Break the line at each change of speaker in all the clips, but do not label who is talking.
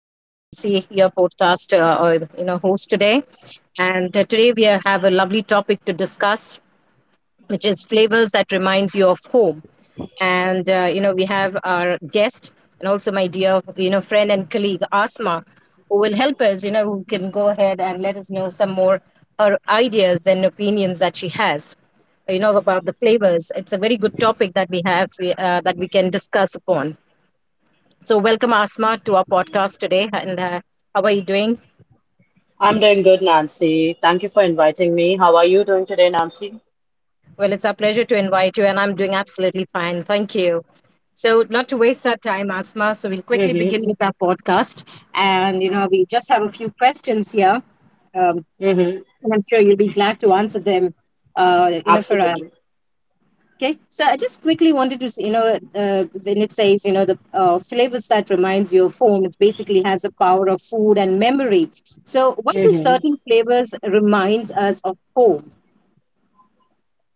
This is Nancy, your podcast or you know host today, and today we have a lovely topic to discuss, which is flavors that reminds you of home. And we have our guest and also my dear friend and colleague Asma, who will help us. Who can go ahead and let us know some more her ideas and opinions that she has. You know about the flavors. It's a very good topic that we that we can discuss upon. So, welcome Asma to our podcast today. And how are you doing?
I'm doing good, Nancy. Thank you for inviting me. How are you doing today, Nancy?
Well, it's our pleasure to invite you, and I'm doing absolutely fine. Thank you. So, not to waste our time, Asma, so we'll quickly
Mm-hmm.
begin with our podcast. And, you know, we just have a few questions here. Um,
Mm-hmm.
and I'm sure you'll be glad to answer them, you know, for us.
Absolutely.
Okay, so I just quickly wanted to, when it says, you know, the flavors that reminds you of home, it basically has the power of food and memory. So why do
Mm-hmm.
certain flavors reminds us of home?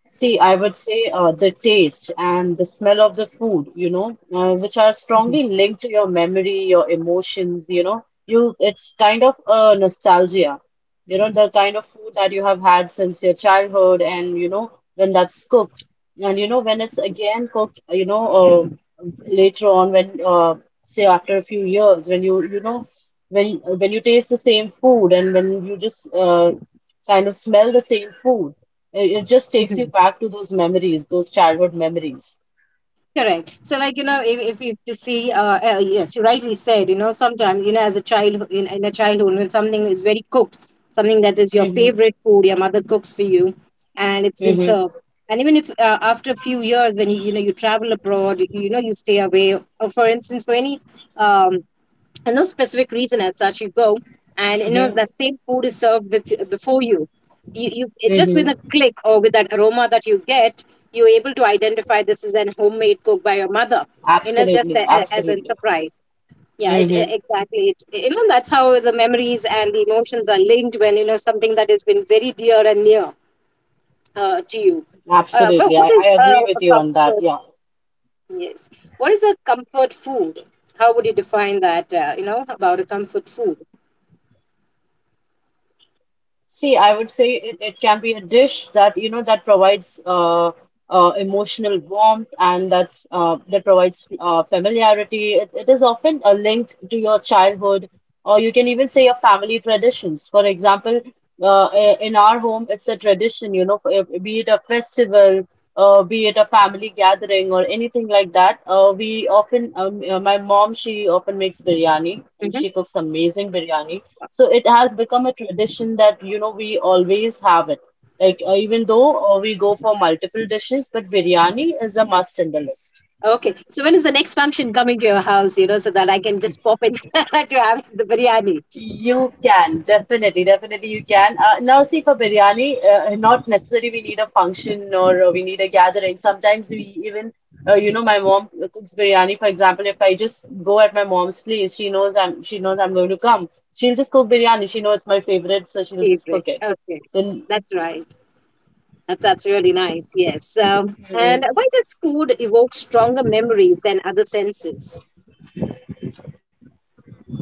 See, I would say the taste and the smell of the food, which are strongly linked to your memory, your emotions, you know, you it's kind of a nostalgia, the kind of food that you have had since your childhood, and when that's cooked, and when it's again cooked, later on when say after a few years, when when you taste the same food and when you just kind of smell the same food. It just takes
Mhm.
you back to those memories, those childhood memories.
Correct. So, like you know, if you to see, yes, you rightly said. You know, sometimes you know, as a child in a childhood, when something is very cooked, something that is your favorite
Mm-hmm.
food, your mother cooks for you, and it's been served.
Mm-hmm.
And even if after a few years, when you know you travel abroad, you know you stay away. Or for instance, for any um, and no specific reason as such you go and you know that same food is
Mm-hmm.
served with before you you it just with a click or with that
Mm-hmm.
aroma that you get you're able to identify this is an homemade cook by your mother you know just as a
Absolutely.
surprise
Absolutely.
yeah it, e- exactly it, you know
Mm-hmm.
that's how the memories and the emotions are linked when you know something that has been very dear and near to you but what is
Absolutely. I, I
a
agree with you on
comfort.
that. Yeah.
Yes. What is a comfort food? How would you define that? You know about a comfort food.
See, I would say it can be a dish that you know that provides emotional warmth and that provides familiarity. It is often linked to your childhood, or you can even say your family traditions. For example, in our home, it's a tradition, be it a festival, be it a family gathering or anything like that. My mom, she often makes biryani and
Hmm.
she cooks amazing biryani. So it has become a tradition that, you know, we always have it. Like, even though we go for multiple dishes, but biryani is a must in the list.
Okay. So when is the next function coming to your house? You know, so that I can just pop in to have the biryani
You can, definitely, definitely you can. Now, see, for biryani, not necessarily we need a function or we need a gathering. Sometimes we even, you know, my mom cooks biryani. For example, if I just go at my mom's place, she knows I'm going to come. She'll just cook biryani. She knows it's my favorite, so she'll just
favorite.
cook it.
Okay,
So,
that's right. That, that's really nice. Yes. And why does food evoke stronger memories than other senses?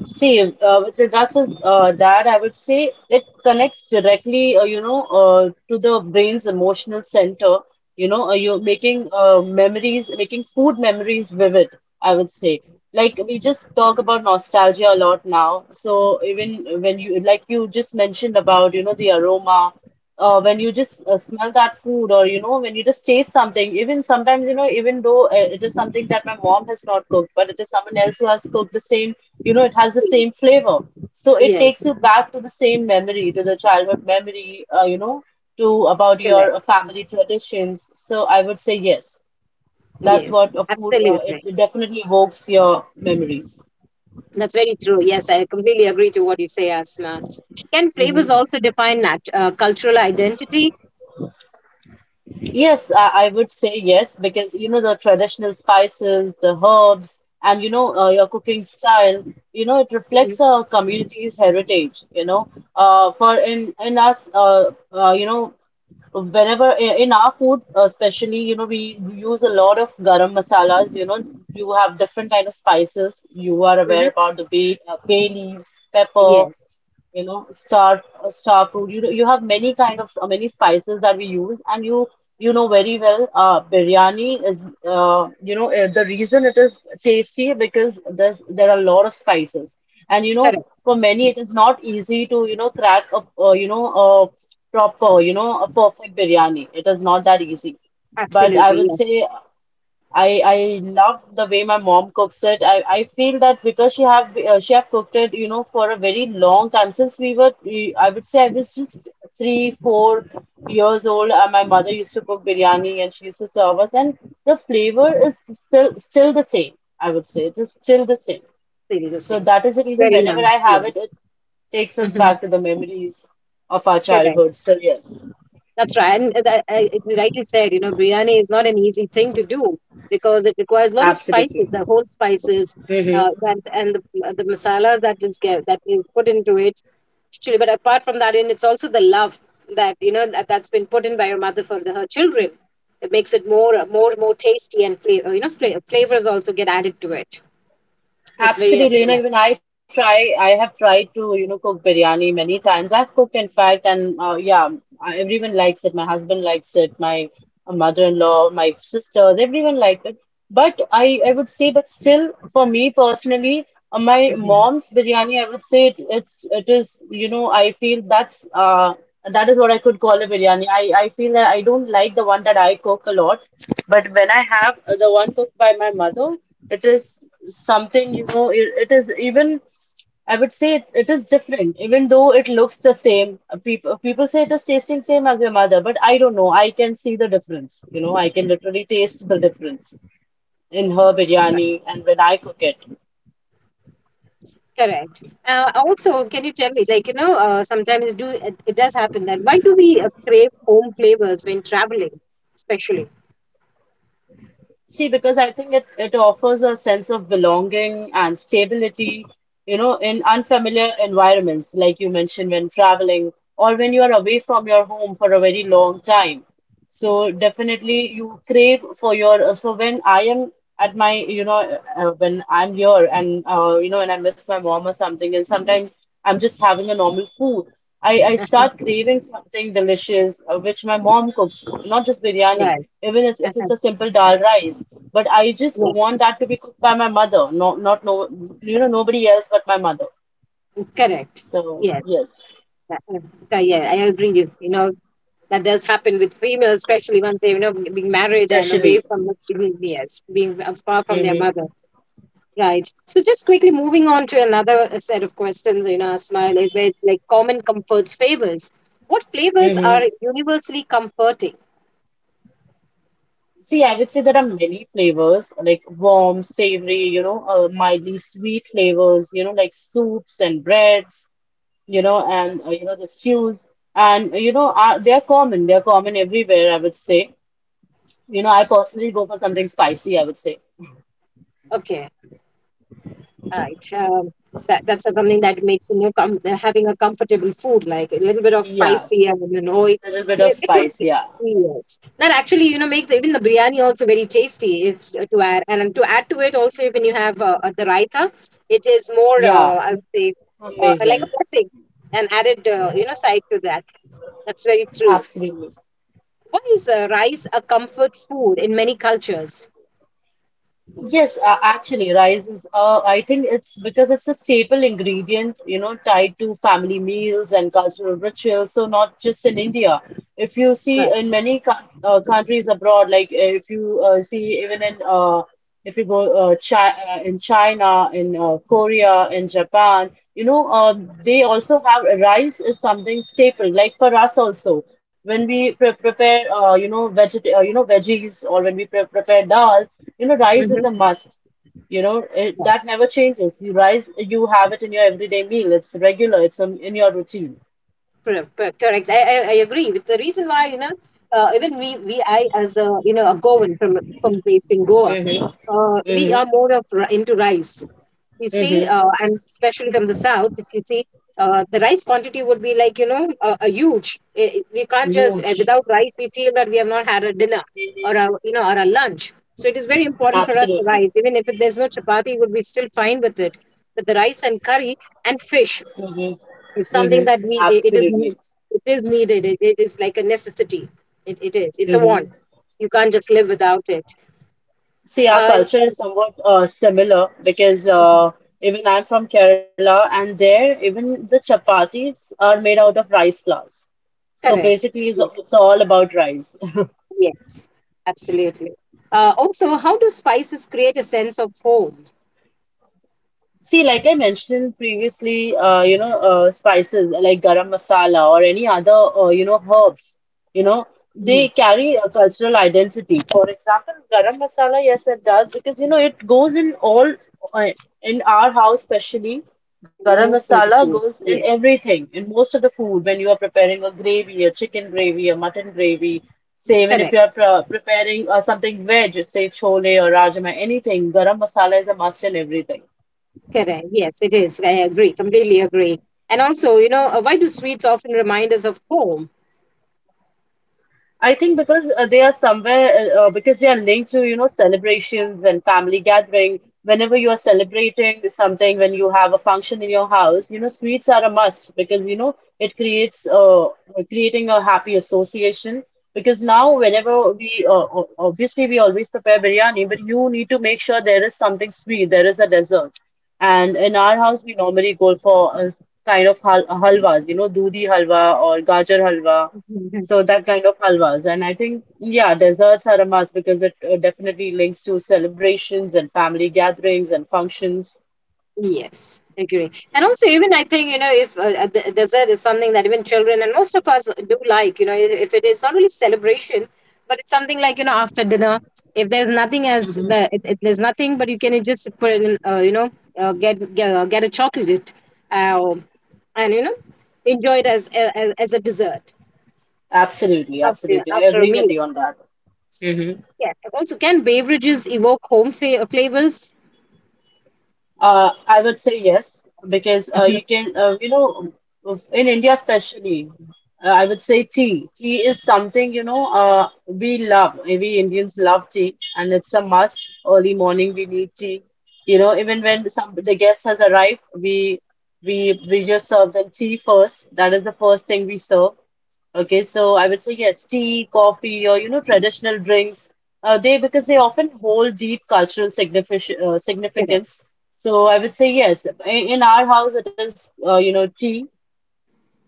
see, with regards to that, I would say it connects directly, to the brain's emotional center. You're making memories, making food memories vivid, I would say. Like we just talk about nostalgia a lot now. So even when you, like you just mentioned about the aroma, when you just smell that food or when you just taste something, even sometimes, even though it is something that my mom has not cooked, but it is someone else who has cooked the same. It has the same flavor. So it
Yes.
takes you back to the same memory, to the childhood memory, to about your
Correct.
family traditions. So I would say yes, that's
Yes.
what a food, uh, it,
Absolutely.
it definitely evokes your memories.
That's very true. Yes, I completely agree to what you say, Asma. Can flavors
Hmm.
also define cultural identity?
Yes, I would say yes, because the traditional spices, the herbs, and your cooking style, it
Mhm,
reflects a community's heritage. For in us, whenever in our food, especially, we use a lot of garam masalas. You have different kind of spices. You are
mhm.
aware about the bay leaves, pepper
Yes,
you know Star fruit, you have many kind of many spices that we use. And you know very well, biryani is the reason it is tasty, because there are a lot of spices. And
correct.
for many, it is not easy to crack a you know a proper you know a perfect biryani. It is not that easy. But I
Absolutely.
would
Yes,
say, I love the way my mom cooks it. I feel that, because she have cooked it, for a very long time. Since I would say I was just three, 4 years old, and my mother used to cook biryani and she used to serve us, and the flavor is still the same. I would say it is still the same.
really the
So
same.
that is the
It's
reason,
very
whenever I
nice.
have it,
Yeah.
it takes us
Hmm.
back to the memories of our
Correct.
childhood. So yes,
That's right. And that, I, it rightly said, you know, biryani is not an easy thing to do because it requires a lot of
absolutely.
spices, the whole spices,
Mhm.
that, and the masalas that that is put into it. Actually, but apart from that, and it's also the love that you know that's been put in by your mother for her children. It makes it more tasty, and flavor. You know, flavors also get added to it. That's very
Absolutely. You
nice.
know, even I have tried to, cook biryani many times. I've cooked, in fact, and yeah, everyone likes it. My husband likes it. My mother-in-law, my sisters, everyone liked it. But I would say, but still, for me personally, my
Mhm.
mom's biryani, I would say it, it's, it is, you know, I feel that is what I could call a biryani. I feel that I don't like the one that I cook a lot, but when I have the one cooked by my mother, it is something, it is even, I would say it is different, even though it looks the same. People say it is tasting same as your mother, but I don't know. I can see the difference. I can literally taste the difference in her
Right.
biryani and when I cook it.
Correct. Also, can you tell me, like, you know, sometimes do it does happen that why do we crave home flavors when traveling, especially?
See, because I think it offers a sense of belonging and stability, in unfamiliar environments, like you mentioned, when traveling or when you are away from your home for a very long time. So definitely you crave for so when I am at my, you know, when I'm here, and I miss my mom or something, and sometimes I'm just having a normal food. I
Uh-huh.
start craving something delicious, which my mom cooks, not just biryani,
Right.
even if
Uh-huh.
it's a simple dal rice. But I just
Yeah.
want that to be cooked by my mother. No, not, no, nobody else but my mother.
Correct.
So
Yes.
yes,
Yeah, yeah, I agree. You know, that does happen with females, especially once they, you know, being married and away
especially.
from the, yes, being far from their
Hmm.
mother. Right. So just quickly moving on to another set of questions, you know, Smile, is where it's like common comforts favors. What flavors
Hmm.
are universally comforting?
See, I would say there are many flavors, like warm, savory, mildly sweet flavors, like soups and breads, and the stews. They are common. They are common everywhere, I would say. I personally go for something spicy, I would say.
Okay. Right. That, that's something that makes you know having a comfortable food like a little bit of
Yeah,
spicy and an oil,
a little bit
I
of
mean, which
spice. Yeah,
will yes. That actually you know makes even the biryani also very tasty if to add and to add to it also when you have the raita, it is more
yeah,
I would say like a
amazing.
blessing and added you know side to that. That's very true.
Absolutely.
Why is rice a comfort food in many cultures?
Yes, actually, I think it's because it's a staple ingredient, tied to family meals and cultural rituals. So, not just in India. If you see
Right.
in many co countries abroad, like if you see even in, if you go chi in China, in Korea, in Japan. They also have rice is something staple, like for us also. When we prepare, veggies, or when we prepare dal, you know, rice is
Mm-hmm.
a must. You know, it,
Yeah.
that never changes. You have it in your everyday meal. It's regular. It's in your routine.
Correct. I agree with the reason why you know even we I as a you know a Goan from based in Goa,
Mm-hmm.
we
Mm-hmm.
are more of into rice. You see,
Mm-hmm.
and especially from the south, if you see, the rice quantity would be like you know a huge. We can't just
Huge.
without rice we feel that we have not had a dinner or a you know or a lunch. So it is very important for us for
Absolutely.
rice. Even if there's no chapati, would be still fine with it. But the rice and curry and fish.
Mm-hmm.
It's something
Mm-hmm.
that we it
Absolutely.
it is needed. It is like a necessity. It is. It's a
Mm-hmm.
want. You can't just live without it.
See, our
Uh,
culture is somewhat similar, because even I'm from Kerala, and there even the chapatis are made out of rice flours. So
Correct.
basically, it's
Yes.
all about rice.
Yes. Absolutely. Also, how do spices create a sense of home?
See, like I mentioned previously, spices like garam masala or any other, herbs, you know, they
Mhm.
carry a cultural identity. For example, garam masala, yes, it does, because it goes in all uh, in our house. Especially
In
garam
most of the
masala
food.
goes in
Yeah.
everything, in most of the food, when you are preparing a gravy, a chicken gravy, a mutton gravy. Say, even if
Correct.
you are preparing something veg, say chole or rajma, anything, garam masala is a must in everything.
Correct. Yes, it is. I agree. Completely agree. And also, you know, why do sweets often remind us of home?
I think, because they are somewhere, because they are linked to, celebrations and family gathering. Whenever you are celebrating something, when you have a function in your house, sweets are a must, because, it creates creating a happy association. Because now, whenever we o- obviously we always prepare biryani, but you need to make sure there is something sweet, there is a dessert. And in our house, we normally go for a kind of halwas, dudi halwa or gajar halwa, so that kind of halwas. And I think, yeah, desserts are a must, because it definitely links to celebrations and family gatherings and functions.
Yes, agree. And also, even I think, you know, if the dessert is something that even children and most of us do like, you know, if it is not really celebration, but it's something like, you know, after dinner, if there's nothing as
Hmm.
the, if there's nothing, but you can just put in, you know, get a chocolate uh, and, you know, enjoy it as a dessert
Absolutely, absolutely. I
after a
agree with
meal.
you on that. Hmm.
Yeah. Also, can beverages evoke home flavors?
I would say yes, because
Mhm.
you can, you know, of- in India especially, I would say tea. Tea is something, we love. We Indians love tea, and it's a must. Early morning, we need tea. You know, even when some the guest has arrived, we just serve them tea first. That is the first thing we serve. Okay, so I would say yes, tea, coffee, or you know, traditional drinks. They because they often hold deep cultural signific uh,
Correct.
significance so I would say yes. In our house, it is you know, tea.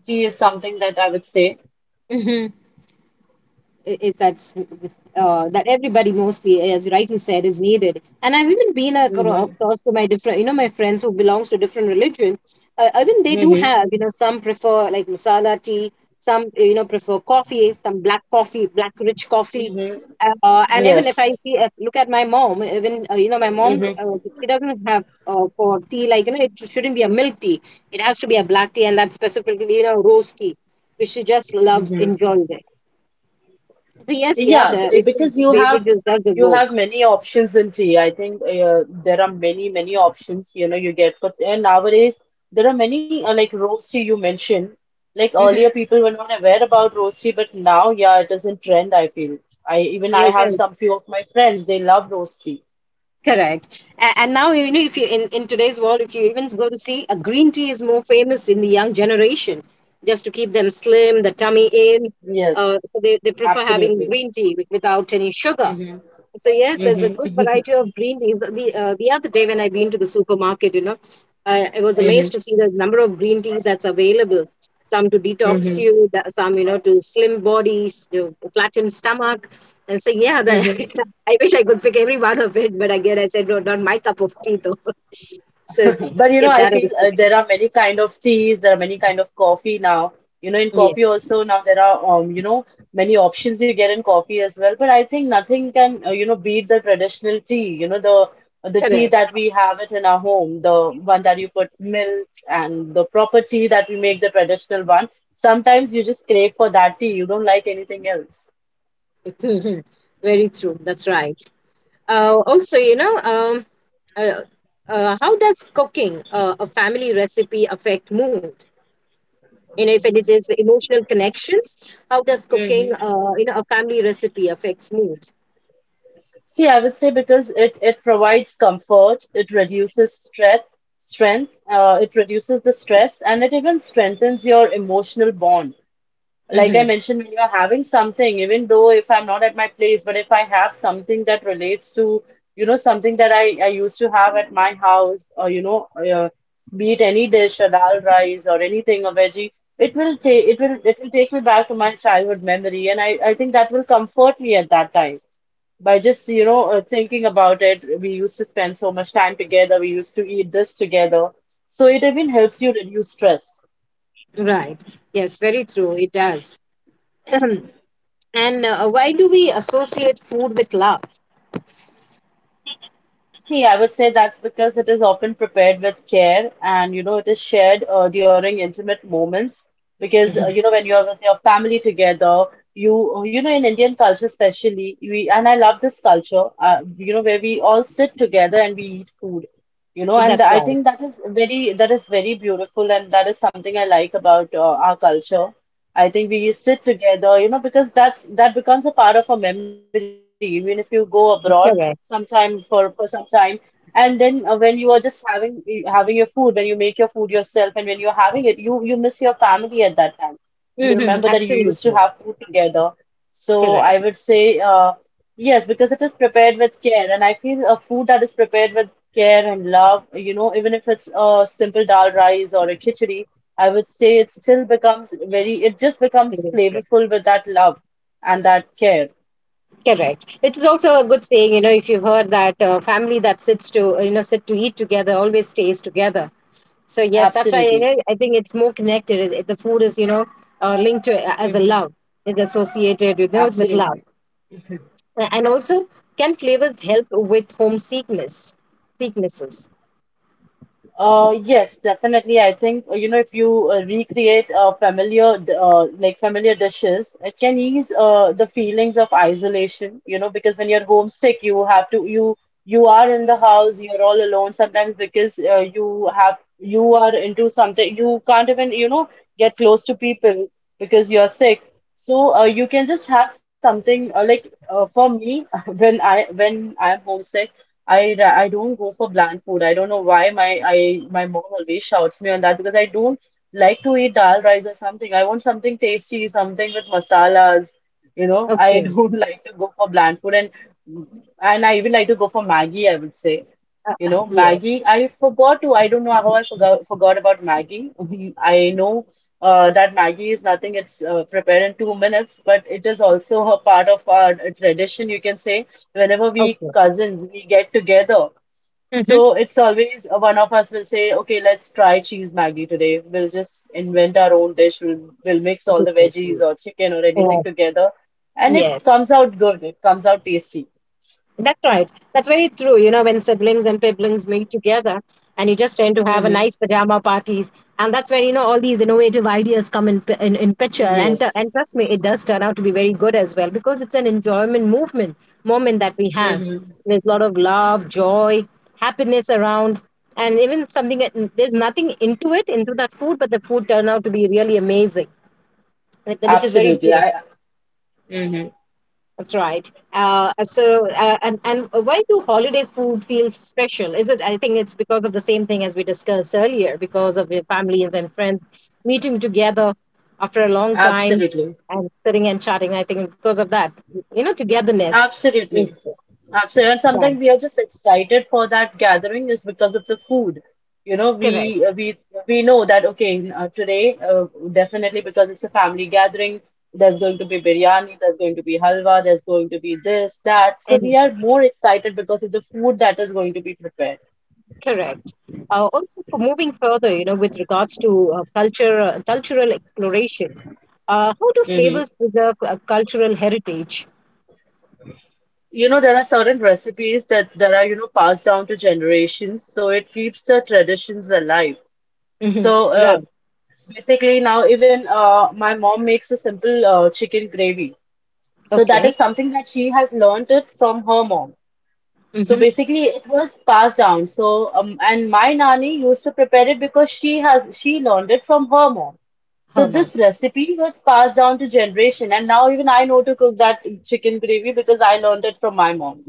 Tea is something that I would say.
Mhm. I- is that That everybody mostly, as you rightly said, is needed. And I've even been
Hmm.
across to my different, you know, my friends who belongs to different religion. Even they do
Hmm.
have, you know, some prefer like masala tea, some you know prefer coffee, some black coffee, black rich coffee.
Hmm.
And even if
Yes.
I see, look at my mom, even, you know, my mom,
Hmm.
she doesn't have for tea, like, you know, it shouldn't be a milk tea. It has to be a black tea, and that's specifically, you know, rose tea, which she just loves,
Hmm.
enjoys it. So yes, yeah,
Yeah, because
beverages does
you have
evoke.
many options in tea. I think there are many options. You know, you get for, and nowadays there are many like roast tea, you mentioned. Like
Mm-hmm.
earlier, people were not aware about roast tea, but now, yeah, it is in trend, I feel. I have
Yes,
some few of my friends, they love roast tea.
correct. And now you know if you in today's world, if you even go to see a green tea is more famous in the young generation, just to keep them slim, the tummy in.
Yes.
So they prefer having
Absolutely.
green tea without any sugar.
Hmm.
So yes, there's a good
Hmm.
variety of green teas. The other day when I been to the supermarket, you know, I was
Hmm.
amazed to see the number of green teas that's available. Some to detox
Hmm.
you, some you know to slim bodies, to flatten stomach, and so
Hmm.
I wish I could pick every one of it, but again I said no, not my cup of tea though. So
But you know, I
keep
feel
that
there
aside.
are many kind of teas, there are many kind of coffee now. You know, in
Yeah,
coffee also now there are you know, many options you get in coffee as well. But I think nothing can you know, beat the traditional tea. You know, the tea
correct.
that we have it in our home, the one that you put milk and the proper tea that we make, the traditional one. Sometimes you just crave for that tea. You don't like anything else.
Very true. That's right. Also, you know, uh, how does cooking a family recipe affect mood? You know, if it is emotional connections, how does cooking, you know, a family recipe affects mood?
See, I would say because it provides comfort, it reduces stress, it reduces the stress, and it even strengthens your emotional bond. Like I
Mm-hmm.
mentioned, when you're having something, even though if I'm not at my place, but if I have something that relates to, you know, something that I used to have at my house, or, you know, be it any dish, a dal rice or anything, a veggie, it will take me back to my childhood memory, and I think that will comfort me at that time by just you know thinking about it. We used to spend so much time together, we used to eat this together, so it even helps you reduce stress.
Right. Yes, very true. It does. And why do we associate food with love?
See, I would say that's because it is often prepared with care, and you know it is shared during intimate moments, because
Hmm.
you know when you're with your family together, you know in Indian culture especially, we, and I love this culture you know, where we all sit together and we eat food, you know. And
That's
I
right.
think that is very, that is very beautiful, and that is something I like about our culture. I think we sit together, you know, because that's, that becomes a part of a memory even if you go abroad
Correct.
sometime for some time. And then when you are just having your food, when you make your food yourself, and when you're having it, you miss your family at that time. You
Hmm.
remember that you used to
Absolutely.
have food together. So
Correct.
I would say yes, because it is prepared with care, and I feel a food that is prepared with care and love, you know, even if it's a simple dal rice or a khichdi, I would say it still becomes very, it just becomes
Absolutely.
flavorful with that love and that care.
Correct. It is also a good saying, you know, if you've heard that family that sits to, you know, sit to eat together always stays together. So yes, that's why you
Absolutely.
know, I think it's more connected. The food is, you know, linked to as a
Hmm.
love. It's associated, you know, with love.
Absolutely.
And also, can flavors help with homesickness? Sicknesses.
Yes, definitely. I think, you know, if you recreate familiar, d- like familiar dishes, it can ease the feelings of isolation, you know, because when you're homesick, you have to, you are in the house, you're all alone sometimes because you have, you are into something, you can't even, you know, get close to people because you're sick. So you can just have something for me, when when I'm homesick. I don't go for bland food. I don't know why my mom always shouts me on that because I don't like to eat dal rice or something. I want something tasty, something with masalas. You know, I
Okay.
don't like to go for bland food, and I even like to go for Maggie, I would say. You know,
Yes.
Maggie, I don't know how I forgot about Maggie. I know that Maggie is nothing, it's prepared in 2 minutes, but it is also a part of our tradition, you can say. Whenever we
Okay.
cousins we get together,
Mm-hmm.
so it's always one of us will say okay, let's try cheese maggi today, we'll just invent our own dish, we'll mix all the
Yes.
veggies or chicken or
Uh,
anything together, and it
yes.
comes out good, it comes out tasty.
That's right. That's very true. You know, when siblings and siblings meet together and you just tend to have a
Mm-hmm.
nice pajama parties. And that's where, you know, all these innovative ideas come in, in picture. And,
Yes.
and trust me, it does turn out to be very good as well because it's an enjoyment movement moment that we have.
Mm-hmm.
There's a lot of love, joy, happiness around. And even something, there's nothing into it, into that food, but the food turned out to be really amazing, which is very
Absolutely.
true.
I, mm-hmm.
That's right. So, and why do holiday food feel special? Is it? I think it's because of the same thing as we discussed earlier, because of your families and friends meeting together after a long time
Absolutely.
and sitting and chatting. I think because of that, you know, togetherness is
Absolutely. Absolutely. And
right.
sometimes we are just excited for that gathering is because of the food. You know,
Correct.
we know that okay, today definitely because it's a family gathering, there's going to be biryani, there's going to be halwa, there's going to be this, that. So
And
we are more excited because of the food that is going to be prepared.
correct. Also, for moving further, you know, with regards to culture, cultural exploration, how do
Hmm.
flavors preserve cultural heritage?
You know, there are certain recipes that are, you know, passed down to generations, so it keeps the traditions alive.
Hmm.
So
Right.
basically now even my mom makes a simple chicken gravy. So that
Okay.
is something that she has learned it from her mom. So
Hmm.
basically it was passed down. So and my nanny used to prepare it because she learned it from her mom. So
Her
this
mother.
recipe was passed down to generation, and now even I know to cook that chicken gravy because I learned it from my mom.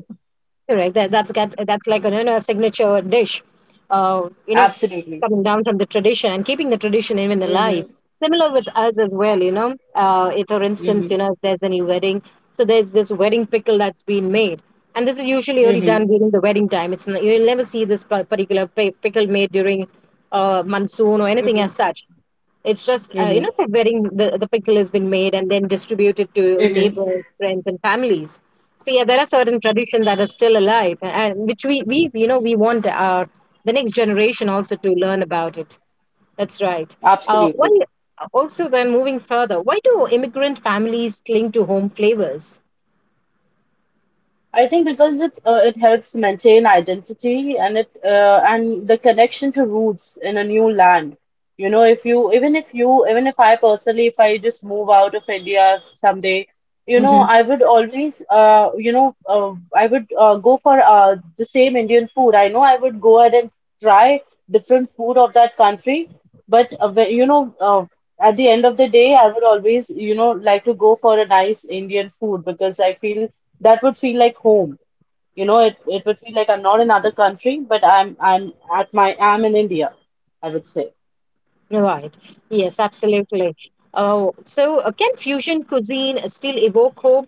Correct. That's like a, you know, a signature dish. You know,
Absolutely.
coming down from the tradition and keeping the tradition even alive.
Mm-hmm.
Similar with us as well. You know, if for instance,
Mm-hmm.
you know, if there's any wedding, so there's this wedding pickle that's been made, and this is usually only
Mm-hmm.
done during the wedding time. You'll never see this particular pickle made during monsoon or anything
Mm-hmm.
as such. It's just you know
Mm-hmm.
preparing the pickle has been made and then distributed to
Mm-hmm.
neighbors, friends, and families. So yeah, there are certain tradition that are still alive, and which we you know we want our the next generation also to learn about it. That's right.
Absolutely.
Why also then moving further, why do immigrant families cling to home flavors?
I think because it it helps maintain identity and it and the connection to roots in a new land. You know, if you even if I personally, if I just move out of India someday, you know,
Mm-hmm.
I would always I would go for the same Indian food. I know I would go ahead and try different food of that country, but at the end of the day I would always you know like to go for a nice Indian food, because I feel that would feel like home. You know, it would feel like I'm not in another country, but I'm at my I'm in India, I would say.
Right. Yes, absolutely. Oh, so can fusion cuisine still evoke hope?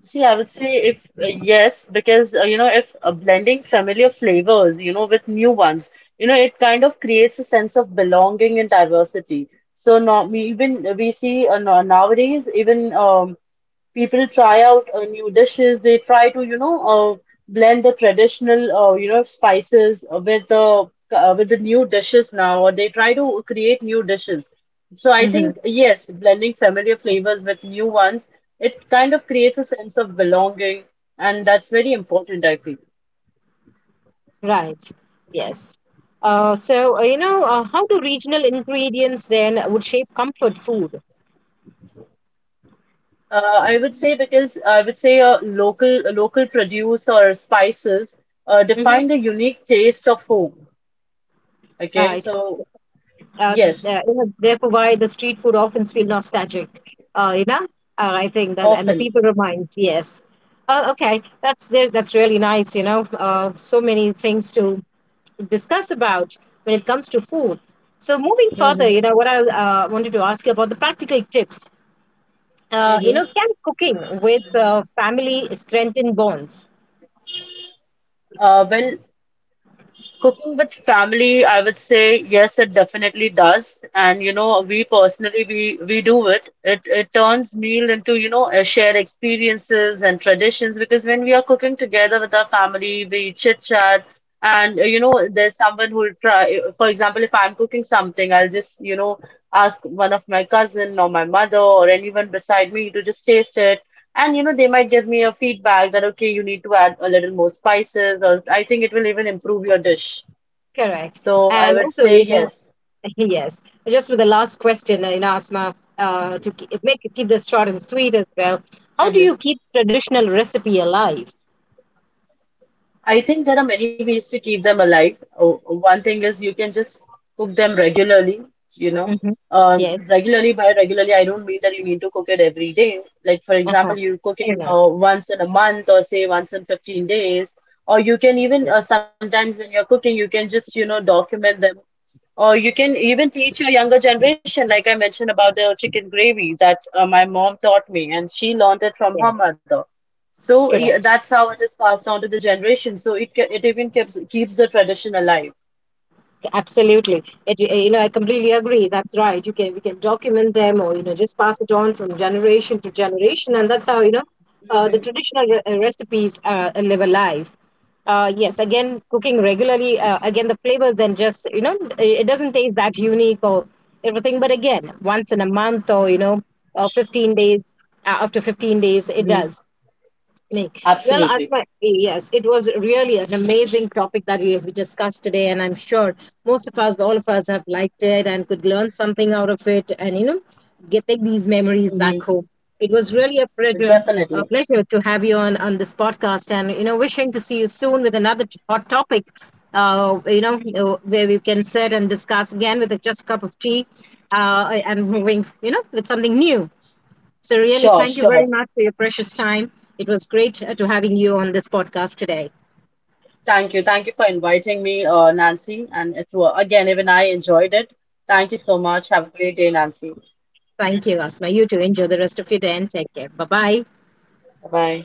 See, I would say if yes, because you know, if blending familiar flavors, you know, with new ones, you know, it kind of creates a sense of belonging and diversity. So now we even we see nowadays even people try out new dishes. They try to, you know, blend the traditional, you know, spices with the new dishes now, or they try to create new dishes. So I think yes, blending familiar flavors with new ones, it kind of creates a sense of belonging, and that's very important, I feel.
Right. Yes. You know how do regional ingredients then would shape comfort food?
I would say because I would say local produce or spices
Hmm.
define the unique taste of home. Okay,
Uh,
so yes,
you know, therefore, why the street food often feel nostalgic. You know, I think that, and the
often.
people reminds. Yes. Okay, that's there. That's really nice. You know, so many things to discuss about when it comes to food. So moving further, you
Hmm.
know, what I wanted to ask you about the practical tips you know,
Hmm.
can cooking with family strengthen bonds?
Well, cooking with family, I would say yes, it definitely does. And you know, we personally we do it. It turns meal into you know a shared experiences and traditions, because when we are cooking together with our family, we chit chat. And you know, there's someone who will try. For example, if I'm cooking something, I'll just you know ask one of my cousin or my mother or anyone beside me to just taste it. And you know, they might give me a feedback that okay, you need to add a little more spices, or I think it will even improve your dish.
Correct.
So I
And
would
also,
say
you know,
yes.
yes, just with the last question, you know, Asma, to keep, make keep this short and sweet as well. How do you
Hmm.
keep traditional recipe alive?
I think there are many ways to keep them alive. One thing is you can just cook them regularly, you know.
Hmm.
Uh,
Yes.
regularly by regularly, I don't mean that you need to cook it every day. Like for
Uh-huh.
example, you cook it
Fair enough.
once in a month or say once in 15 days, or you can even
Yes.
sometimes when you're cooking, you can just you know document them. Or you can even teach your younger generation, like I mentioned about the chicken gravy that my mom taught me, and she learned it from
Yes.
her mother. So yeah,
Correct.
that's how it is passed on to the generation. So it even keeps the tradition alive.
Absolutely. It, you know, I completely agree. That's right. You can we can document them or you know just pass it on from generation to generation, and that's how you know uh, the
Hmm.
traditional re- uh, recipes live alive. Yes, again, cooking regularly. Again, the flavors then just you know it doesn't taste that unique or everything. But again, once in a month or you know 15 days after 15 days, it
Hmm.
does. Like, well,
Absolutely.
Atma, yes, it was really an amazing topic that we have discussed today, and I'm sure most of us, all of us, have liked it and could learn something out of it, and you know, get take these memories
Hmm.
back home. It was really
Definitely.
a pleasure to have you on this podcast, and you know, wishing to see you soon with another hot topic. You know, where we can sit and discuss again with a just cup of tea, and moving, you know, with something new. So, really,
Sure,
thank you very
sure.
much for your precious time. It was great to having you on this podcast today.
Thank you. Thank you for inviting me, Nancy. And it was, again, even I enjoyed it. Thank you so much. Have a great day, Nancy.
Thank you, Asma. You too. Enjoy the rest of your day and take care. Bye bye.
Bye.